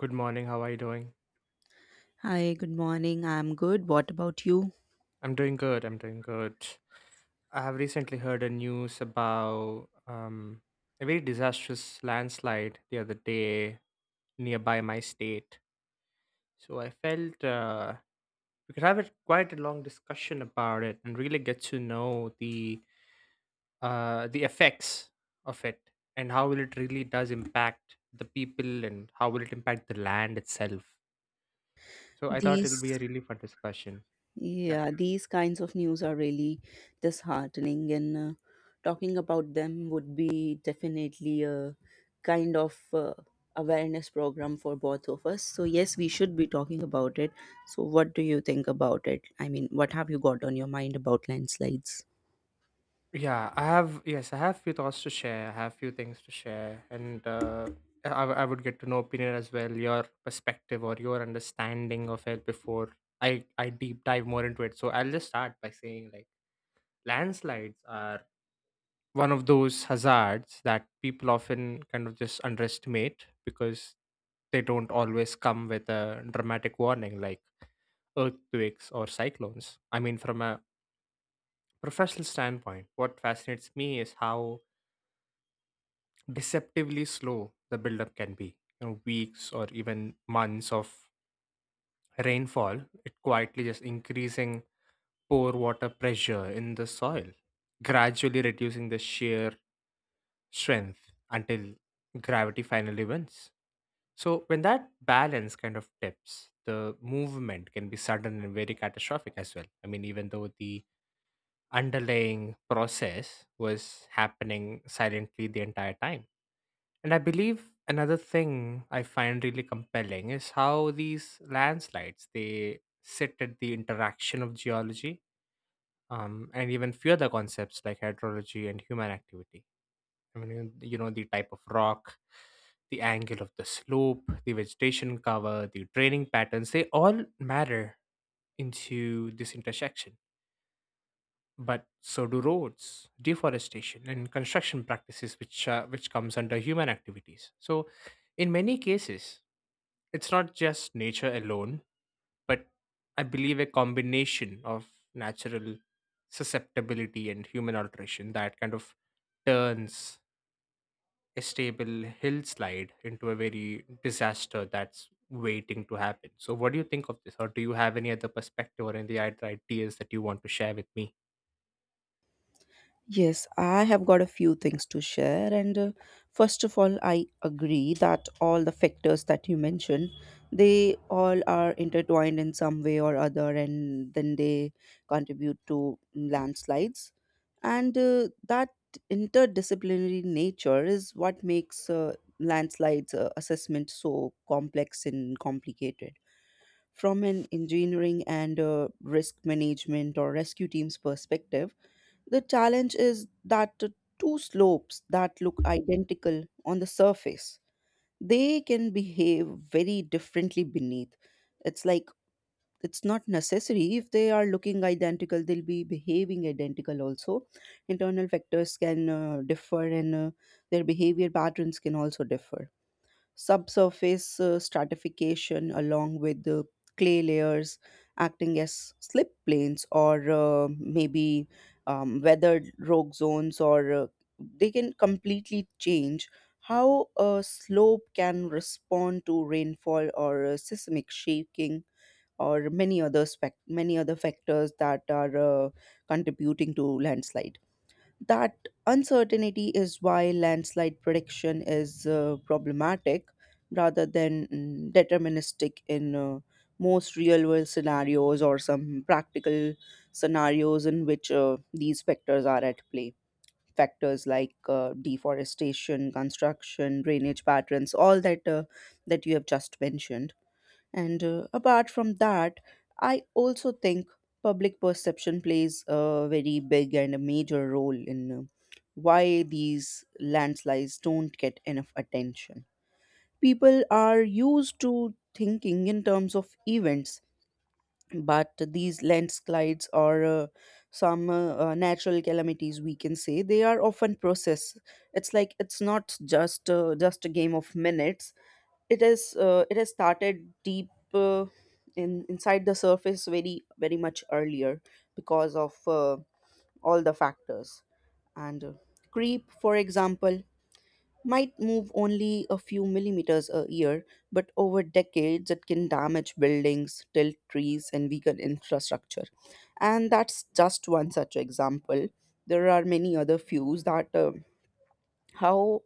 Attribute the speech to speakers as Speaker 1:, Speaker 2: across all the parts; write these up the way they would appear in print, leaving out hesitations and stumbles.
Speaker 1: Good morning. How are you doing?
Speaker 2: Hi, good morning. I'm good. What about you?
Speaker 1: I'm doing good. I'm doing good. I have recently heard a news about a very disastrous landslide the other day nearby my state. So I felt we could have a quite a long discussion about it and really get to know the effects of it and how will it really does impact the people and how will it impact the land itself. So I thought
Speaker 2: These,
Speaker 1: it'll be a really fun discussion. Yeah.
Speaker 2: yeah, these kinds of news are really disheartening, and talking about them would be definitely a kind of awareness program for both of us. So, yes, we should be talking about it. So, what do you think about it? I mean, what have you got on your mind about landslides?
Speaker 1: Yeah, I have yes, I have few thoughts to share. I have few things to share, and I would get to know opinion as well, your perspective or your understanding of it before I deep dive more into it. So I'll just start by saying like landslides are one of those hazards that people often kind of just underestimate because they don't always come with a dramatic warning like earthquakes or cyclones. I mean, from a professional standpoint, what fascinates me is how deceptively slow the buildup can be. You know, weeks or even months of rainfall, it quietly just increasing pore water pressure in the soil, gradually reducing the shear strength until gravity finally wins. So when that balance kind of tips, the movement can be sudden and very catastrophic as well. I mean, even though the underlying process was happening silently the entire time. And I believe another thing I find really compelling is how these landslides they sit at the interaction of geology, and even few other concepts like hydrology and human activity. I mean, you know, the type of rock, the angle of the slope, the vegetation cover, the draining patterns, they all matter into this intersection, but so do roads, deforestation and construction practices, which comes under human activities. So in many cases, it's not just nature alone, but I believe a combination of natural susceptibility and human alteration that kind of turns a stable hillslide into a very disaster that's waiting to happen. So what do you think of this, or do you have any other perspective or any other ideas that you want to share with me?
Speaker 2: Yes, I have got a few things to share. And first of all, I agree that all the factors that you mentioned, they all are intertwined in some way or other, and then they contribute to landslides. And that interdisciplinary nature is what makes landslides assessment so complex and complicated. From an engineering and risk management or rescue team's perspective, the challenge is that the two slopes that look identical on the surface, they can behave very differently beneath. It's like it's not necessary if they are looking identical, they'll be behaving identical also. Internal vectors can differ and their behavior patterns can also differ. Subsurface stratification along with the clay layers acting as slip planes or maybe weathered rock zones or they can completely change how a slope can respond to rainfall or seismic shaking or many other many other factors that are uh, contributing to landslide. That uncertainty is why landslide prediction is problematic rather than deterministic in most real world scenarios or some practical scenarios in which these factors are at play. Factors like deforestation, construction, drainage patterns, all that that you have just mentioned. And apart from that, I also think public perception plays a very big and a major role in why these landslides don't get enough attention. People are used to thinking in terms of events, but these landslides or some natural calamities, we can say, they are often process. It's like it's not just just a game of minutes. It is it has started deep uh, in inside the surface very very much earlier because of all the factors, and creep for example might move only a few millimeters a year, but over decades it can damage buildings, tilt trees, and weaken infrastructure. And that's just one such example. There are many other views that how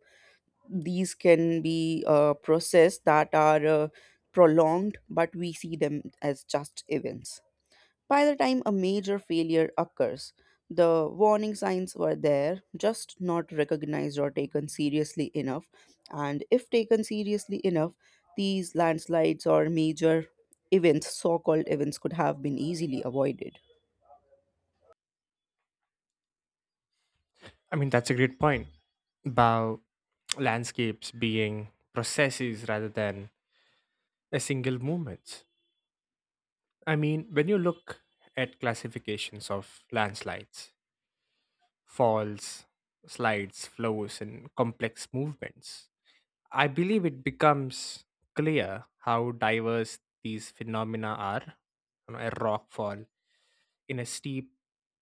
Speaker 2: these can be process that are prolonged, but we see them as just events. By the time a major failure occurs, the warning signs were there, just not recognized or taken seriously enough. And if taken seriously enough, these landslides or major events, so called events, could have been easily avoided.
Speaker 1: I mean, that's a great point about landscapes being processes rather than a single movement. I mean, when you look at classifications of landslides, falls, slides, flows, and complex movements, I believe it becomes clear how diverse these phenomena are. You know, a rock fall in a steep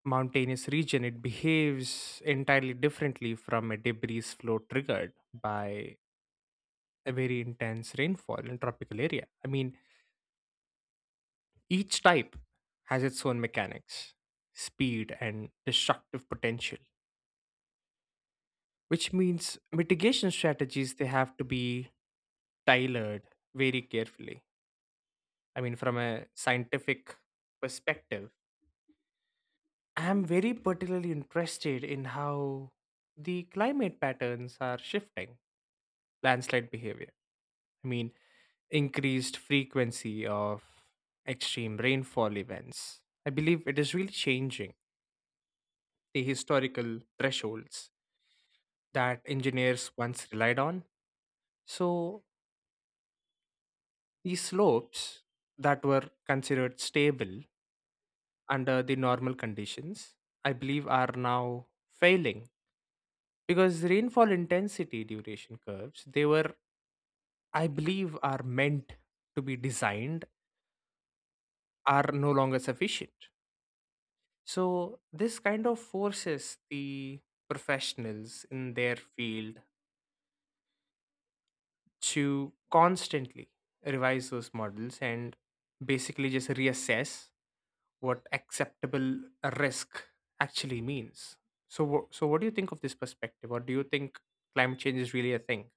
Speaker 1: mountainous region, it behaves entirely differently from a debris flow triggered by a very intense rainfall in tropical area. I mean, each type has its own mechanics, speed, and destructive potential, which means mitigation strategies they have to be tailored very carefully. I mean, from a scientific perspective, I'm very particularly interested in how the climate patterns are shifting landslide behavior. I mean, increased frequency of extreme rainfall events. I believe it is really changing the historical thresholds that engineers once relied on. So, these slopes that were considered stable under the normal conditions, I believe, are now failing because rainfall intensity duration curves, they were, I believe, are meant to be designed, are no longer sufficient. So, this kind of forces the professionals in their field to constantly revise those models and basically just reassess what acceptable risk actually means. So, so what do you think of this perspective, or do you think climate change is really a thing?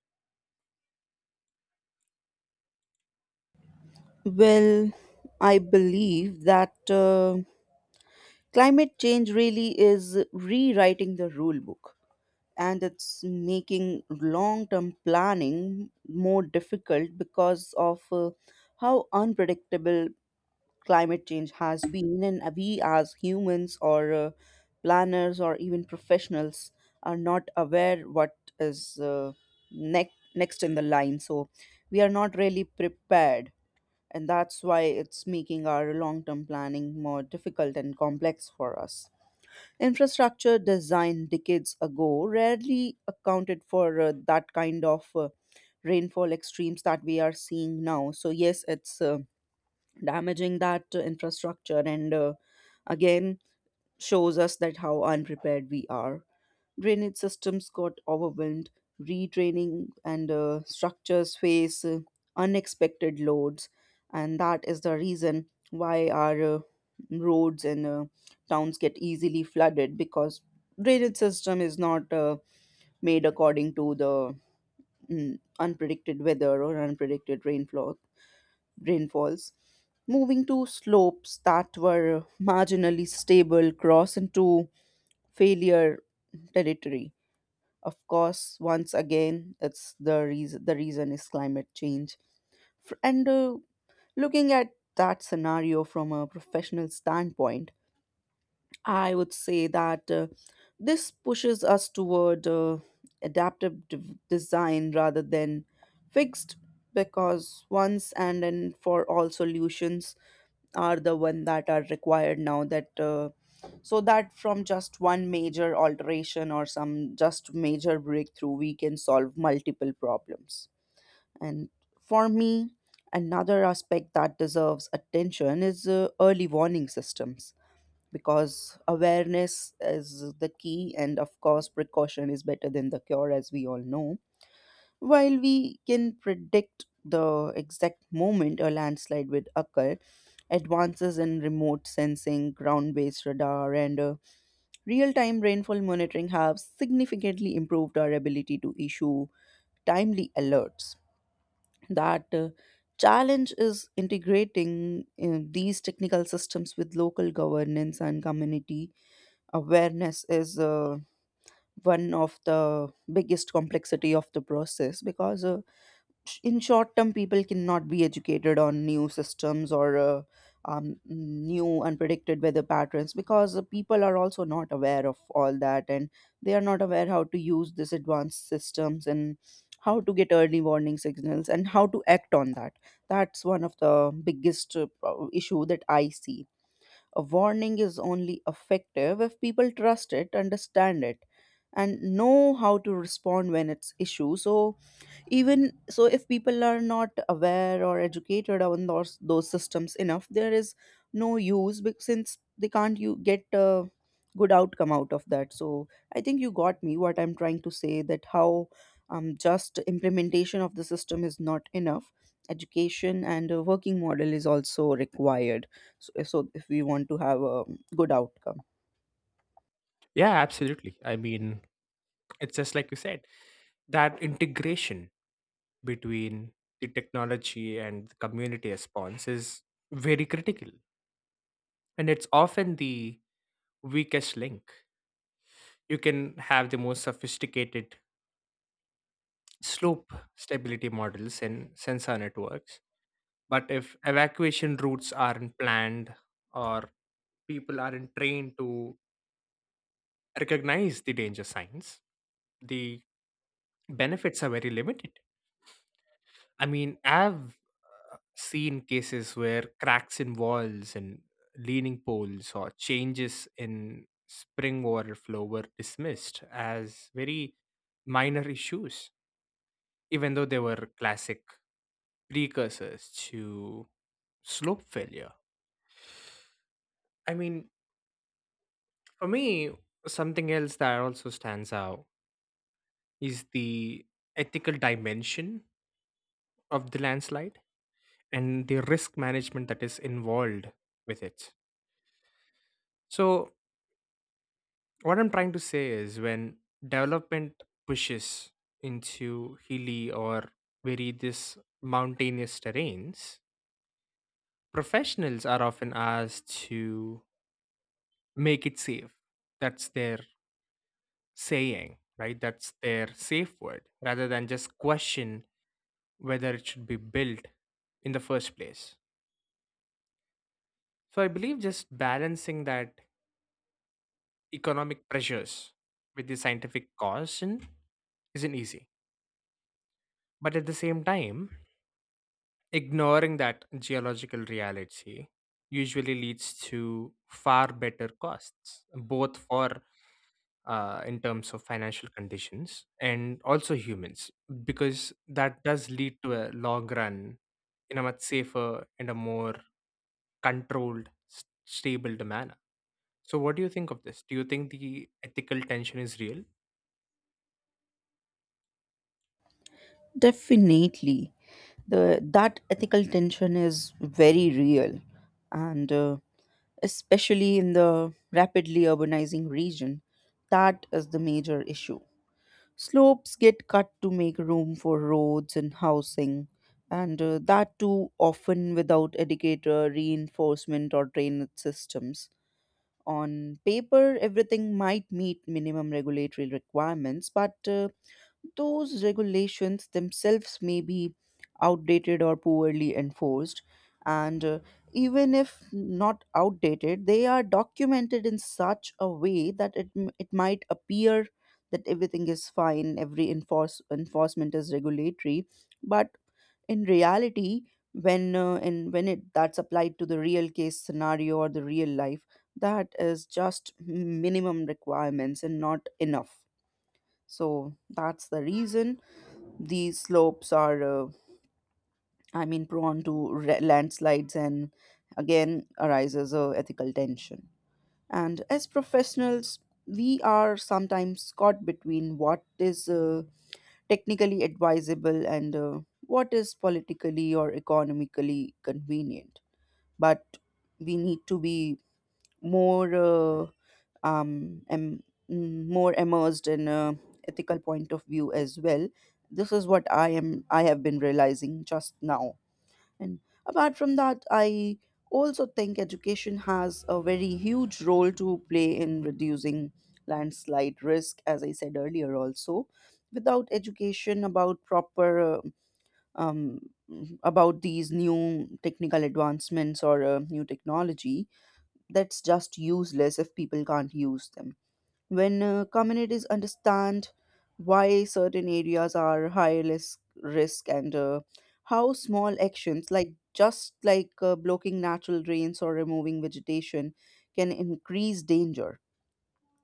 Speaker 2: Well, I believe that climate change really is rewriting the rule book, and it's making long term planning more difficult because of how unpredictable climate change has been, and we as humans or planners or even professionals are not aware what is next in the line. So we are not really prepared, and that's why it's making our long-term planning more difficult and complex for us. Infrastructure design decades ago rarely accounted for that kind of rainfall extremes that we are seeing now. So yes, it's damaging that infrastructure and again shows us that how unprepared we are. Drainage systems got overwhelmed, retraining and structures face unexpected loads, and that is the reason why our roads and towns get easily flooded because drainage system is not made according to the unpredicted weather or unpredicted rainfalls, moving to slopes that were marginally stable cross into failure territory. Of course, once again, it's the reason. The reason is climate change. And looking at that scenario from a professional standpoint, I would say that this pushes us toward adaptive design rather than fixed, because once and for all solutions are the one that are required now, that so that from just one major alteration or some just major breakthrough we can solve multiple problems. And for me, another aspect that deserves attention is early warning systems, because awareness is the key, and of course precaution is better than the cure, as we all know. While we can predict the exact moment a landslide would occur, advances in remote sensing, ground based radar, and real time rainfall monitoring have significantly improved our ability to issue timely alerts. That challenge is integrating these technical systems with local governance and community awareness is one of the biggest complexity of the process, because in short term people cannot be educated on new systems or new unpredicted weather patterns, because the people are also not aware of all that, and they are not aware how to use these advanced systems and how to get early warning signals and how to act on that. That's one of the biggest issue that I see. A warning is only effective if people trust it, understand it, and know how to respond when it's issue. So even so, if people are not aware or educated on those systems enough, there is no use, because since they can't you get a good outcome out of that. So I think you got me what I'm trying to say, that how just implementation of the system is not enough. Education and a working model is also required, so if we want to have a good outcome.
Speaker 1: Yeah, absolutely. I mean, it's just like you said that integration between the technology and the community response is very critical and it's often the weakest link. You can have the most sophisticated slope stability models and sensor networks. But if evacuation routes aren't planned or people aren't trained to recognize the danger signs, the benefits are very limited. I mean, I've seen cases where cracks in walls and leaning poles or changes in spring water flow were dismissed as very minor issues even though they were classic precursors to slope failure. I mean, for me, something else that also stands out is the ethical dimension of the landslide and the risk management that is involved with it. So, what I'm trying to say is when development pushes into hilly or very this mountainous terrains, professionals are often asked to make it safe. That's their saying, right? That's their safe word rather than just question whether it should be built in the first place. So I believe just balancing that economic pressures with the scientific caution isn't easy. But at the same time, ignoring that geological reality usually leads to far better costs, both for in terms of financial conditions and also humans, because that does lead to a long run in a much safer and a more controlled, stable manner. So, what do you think of this? Do you think the ethical tension is real?
Speaker 2: Definitely. That ethical tension is very real, and especially in the rapidly urbanizing region, that is the major issue. Slopes get cut to make room for roads and housing, and that too often without adequate reinforcement or drainage systems. On paper, everything might meet minimum regulatory requirements, but those regulations themselves may be outdated or poorly enforced, and even if not outdated, they are documented in such a way that it might appear that everything is fine, enforcement is regulatory, but in reality, when and when it that's applied to the real case scenario or the real life, that is just minimum requirements and not enough. So that's the reason these slopes are, I mean, prone to landslides, and again arises a ethical tension. And as professionals, we are sometimes caught between what is technically advisable and what is politically or economically convenient. But we need to be more um, am more immersed in a ethical point of view as well. This is what I am. I have been realizing just now. And apart from that, I also think education has a very huge role to play in reducing landslide risk, as I said earlier. Also, without education about proper um, about these new technical advancements or new technology, that's just useless if people can't use them. When communities understand why certain areas are risk, and how small actions like just like blocking natural drains or removing vegetation can increase danger,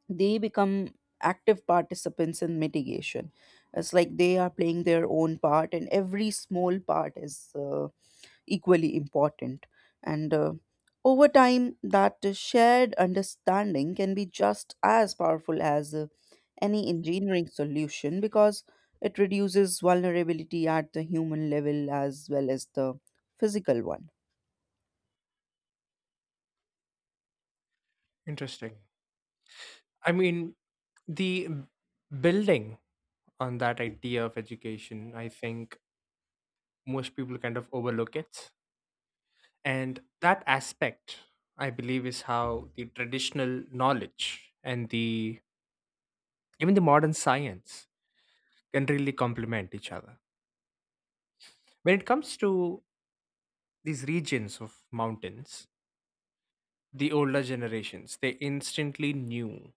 Speaker 2: they become active participants in mitigation. It's like they are playing their own part, and every small part is equally important. And over time, that shared understanding can be just as powerful as any engineering solution, because it reduces vulnerability at the human level as well as the physical one.
Speaker 1: Interesting. I mean, the b- building on that idea of education, I think most people kind of overlook it. And that aspect, I believe, is how the traditional knowledge and the even the modern science can really complement each other when it comes to these regions of mountains. The older generations, they instantly knew, you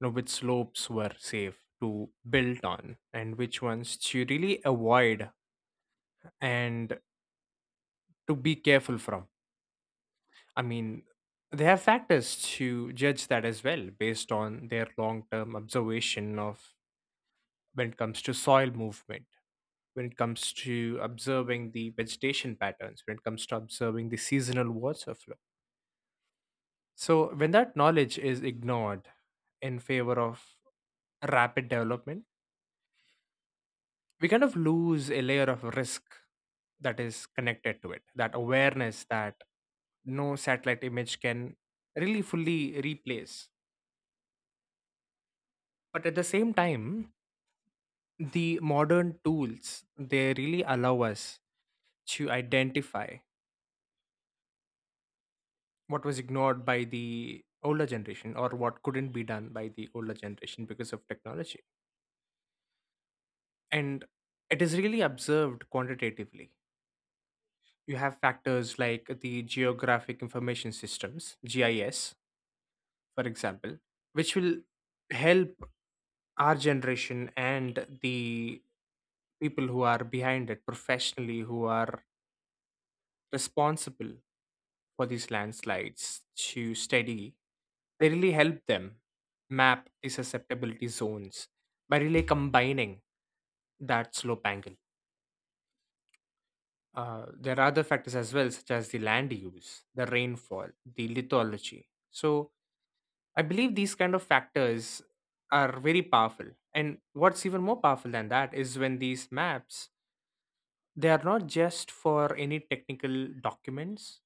Speaker 1: know, which slopes were safe to build on and which ones to really avoid and to be careful from. I mean, they have factors to judge that as well based on their long term observation of when it comes to soil movement, when it comes to observing the vegetation patterns, when it comes to observing the seasonal water flow. So, when that knowledge is ignored in favor of rapid development, we kind of lose a layer of risk that is connected to it, that awareness that no satellite image can really fully replace. But at the same time, the modern tools they really allow us to identify what was ignored by the older generation or what couldn't be done by the older generation because of technology, and it is really observed quantitatively. You have factors like the geographic information systems, GIS, for example, which will help our generation and the people who are behind it professionally, who are responsible for these landslides to study, they really help them map the susceptibility zones by really combining that slope angle. There are other factors as well, such as the land use, the rainfall, the lithology. So I believe these kind of factors are very powerful. And what's even more powerful than that is when these maps, they are not just for any technical documents,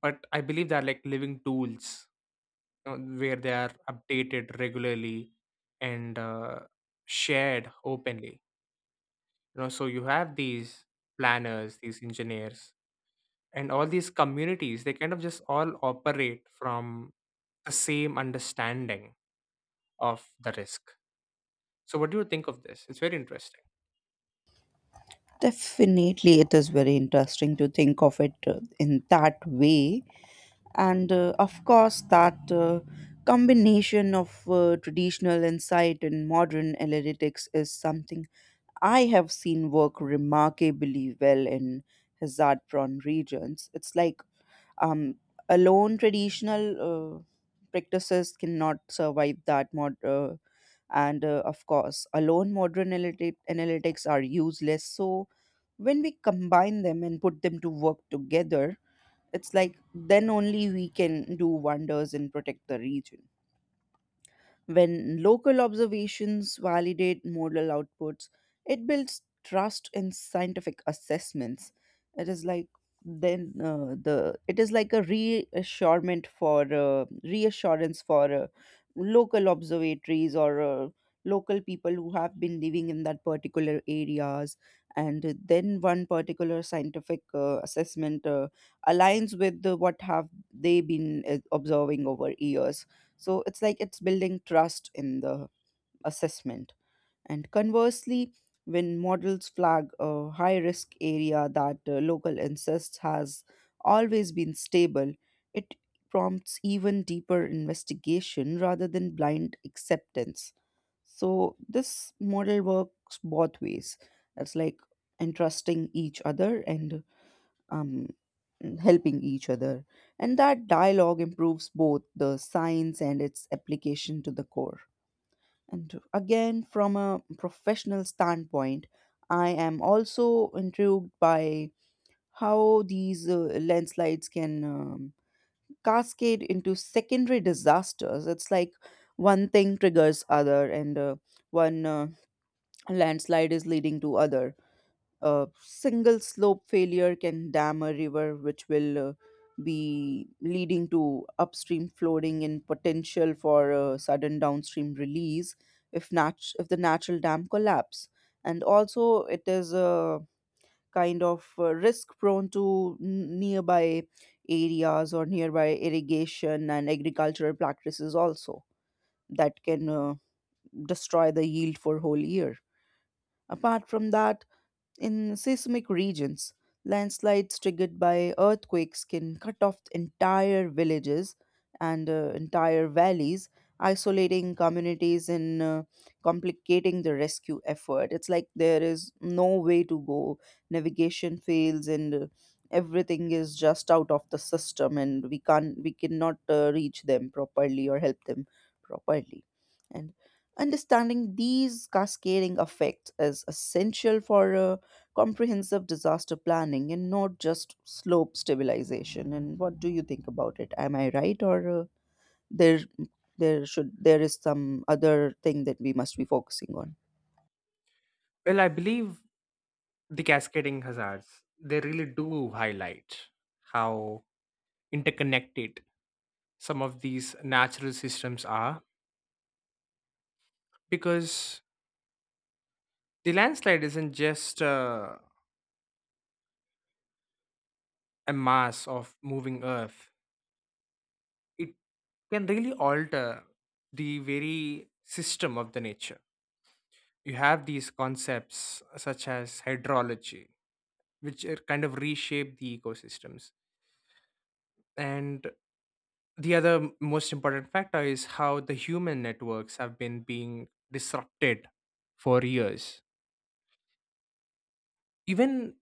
Speaker 1: but I believe they're like living tools, where they are updated regularly and shared openly, you know, so you have these planners, these engineers and all these communities, they kind of just all operate from the same understanding of the risk. So what do you think of this? It's very interesting.
Speaker 2: Definitely, it is very interesting to think of it in that way. And of course, that combination of traditional insight and modern analytics is something I have seen work remarkably well in hazard prone regions. It's like um, alone traditional practices cannot survive that mod. And of course, alone analytics are useless. So when we combine them and put them to work together, it's like then only we can do wonders and protect the region. When local observations validate model outputs, it builds trust in scientific assessments. It is like then the it is like a reassurement for reassurance for local observatories or local people who have been living in that particular areas, and then one particular scientific assessment aligns with what have they been observing over years. So it's like it's building trust in the assessment. And conversely, when models flag a high risk area that local incest has always been stable, it prompts even deeper investigation rather than blind acceptance. So this model works both ways. It's like entrusting each other and um, helping each other. And that dialogue improves both the science and its application to the core. And again, from a professional standpoint, I am also intrigued by how these landslides can cascade into secondary disasters. It's like one thing triggers other, and one landslide is leading to other. A single slope failure can dam a river, which will be leading to upstream flooding and potential for a sudden downstream release if the natural dam collapse. And also, it is a kind of risk prone to nearby areas or nearby irrigation and agricultural practices also that can destroy the yield for whole year. Apart from that, in seismic regions, landslides triggered by earthquakes can cut off entire villages and entire valleys, isolating communities and complicating the rescue effort. It's like there is no way to go, navigation fails, and everything is just out of the system, and we cannot reach them properly or help them properly. And understanding these cascading effects is essential for comprehensive disaster planning and not just slope stabilization. And what do you think about it? Am I right, or there there is some other thing that we must be focusing on?
Speaker 1: Well, I believe the cascading hazards they really do highlight how interconnected some of these natural systems are, because the landslide isn't just a mass of moving earth, it can really alter the very system of the nature. You have these concepts such as hydrology, which are kind of reshape the ecosystems. And the other most important factor is how the human networks have been being disrupted for years. Even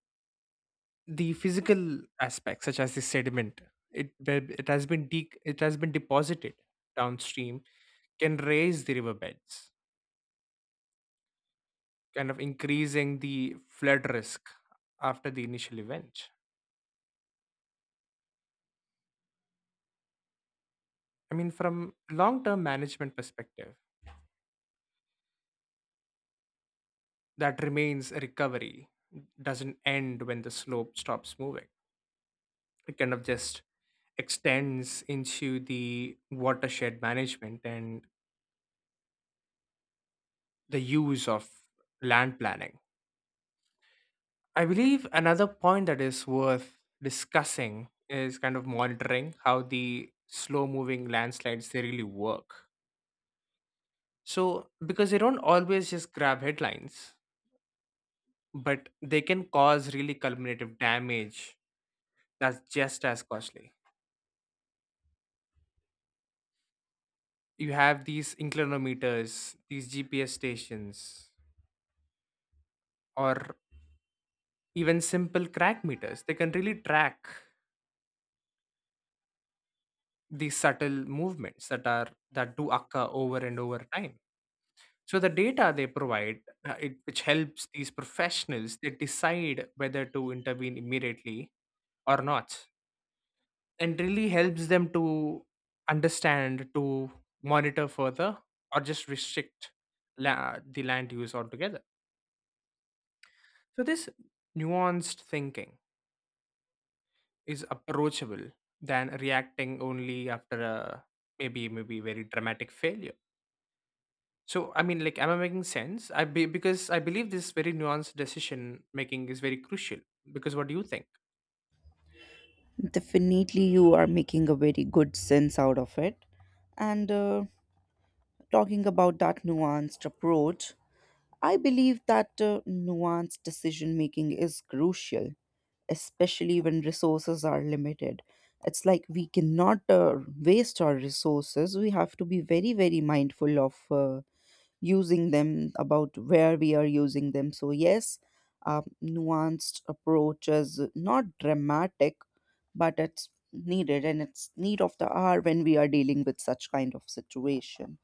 Speaker 1: the physical aspect such as the sediment, it, where it has been deposited downstream can raise the riverbeds, kind of increasing the flood risk after the initial event. I mean, from long term management perspective, that remains a recovery doesn't end when the slope stops moving. It kind of just extends into the watershed management and the use of land planning. I believe another point that is worth discussing is kind of monitoring how the slow moving landslides they really work. So because they don't always just grab headlines, but they can cause really cumulative damage that's just as costly. You have these inclinometers, these GPS stations, or even simple crack meters. They can really track these subtle movements that are that do occur over and over time. So the data they provide, which helps these professionals, they decide whether to intervene immediately or not, and really helps them to understand, to monitor further, or just restrict the land use altogether. So this nuanced thinking is approachable than reacting only after a maybe very dramatic failure. So, I mean, like, am I making sense? Because I believe this very nuanced decision making is very crucial. Because what do you think?
Speaker 2: Definitely you are making a very good sense out of it. And talking about that nuanced approach, I believe that nuanced decision making is crucial, especially when resources are limited. It's like we cannot waste our resources. We have to be very, very mindful of using them, about where we are using them. So, yes, nuanced approach is not dramatic, but it's needed and it's need of the hour when we are dealing with such kind of situation.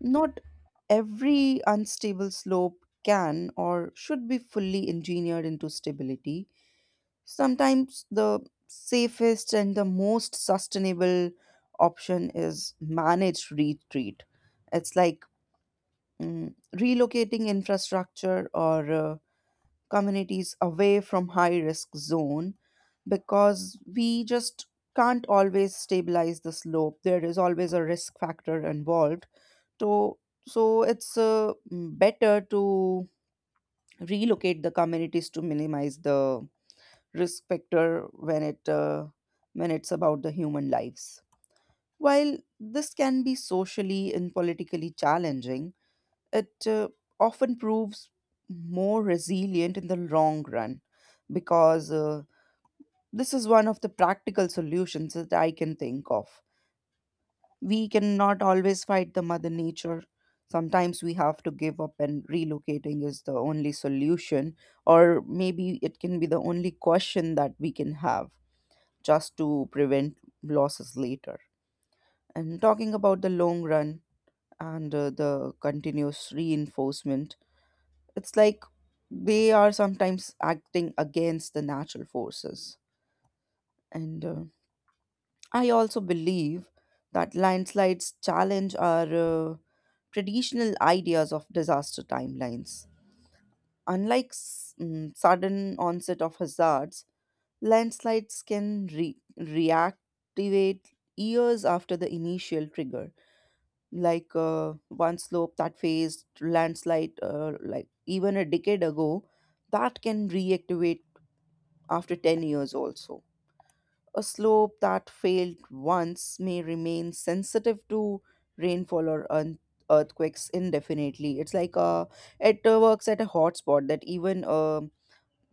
Speaker 2: Not every unstable slope can or should be fully engineered into stability. Sometimes the safest and the most sustainable option is managed retreat. It's like relocating infrastructure or communities away from high risk zone, because we just can't always stabilize the slope. There is always a risk factor involved, so, so it's better to relocate the communities to minimize the risk factor when it when it's about the human lives. While this can be socially and politically challenging, it often proves more resilient in the long run, because this is one of the practical solutions that I can think of. We cannot always fight the mother nature. Sometimes we have to give up and relocating is the only solution, or maybe it can be the only question that we can have, just to prevent losses later. And talking about the long run and the continuous reinforcement, it's like they are sometimes acting against the natural forces. And I also believe that landslides challenge our uh, traditional ideas of disaster timelines. Unlike sudden onset of hazards, landslides can reactivate years after the initial trigger. Like one slope that faced landslide like even a decade ago, that can reactivate after 10 years also. A slope that failed once may remain sensitive to rainfall or earthquakes indefinitely. It's like it works at a hotspot that even a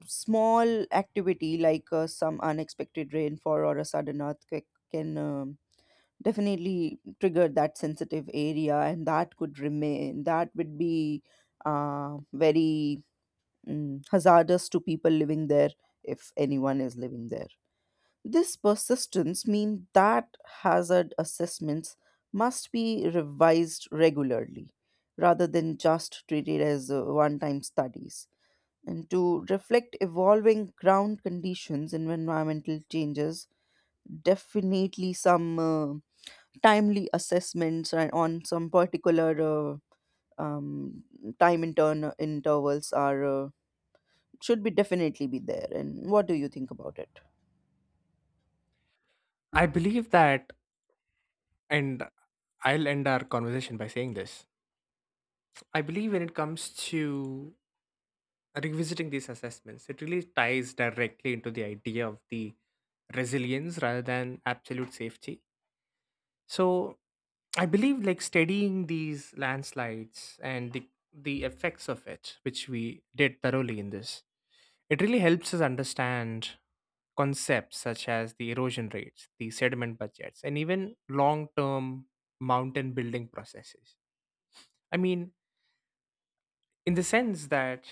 Speaker 2: small activity like some unexpected rainfall or a sudden earthquake can definitely trigger that sensitive area and that would be very hazardous to people living there, if anyone is living there. This persistence means that hazard assessments must be revised regularly rather than just treated as one time studies, and to reflect evolving ground conditions and environmental changes. Definitely some timely assessments and on some particular uh, um, time intervals are should be definitely be there. And what do you think about it?
Speaker 1: I believe that, and I'll end our conversation by saying this. I believe when it comes to revisiting these assessments, it really ties directly into the idea of the resilience rather than absolute safety. So, I believe like studying these landslides and the effects of it, which we did thoroughly in this, it really helps us understand concepts such as the erosion rates, the sediment budgets, and even long term mountain building processes. I mean, in the sense that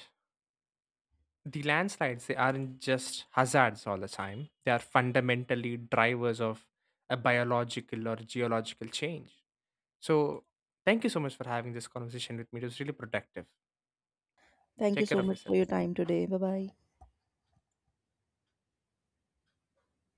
Speaker 1: the landslides, they aren't just hazards all the time, they are fundamentally drivers of a biological or geological change. So, thank you so much for having this conversation with me. It was really productive.
Speaker 2: Thank you
Speaker 1: Take care
Speaker 2: so
Speaker 1: of
Speaker 2: much for
Speaker 1: yourself.
Speaker 2: your time today. Bye bye.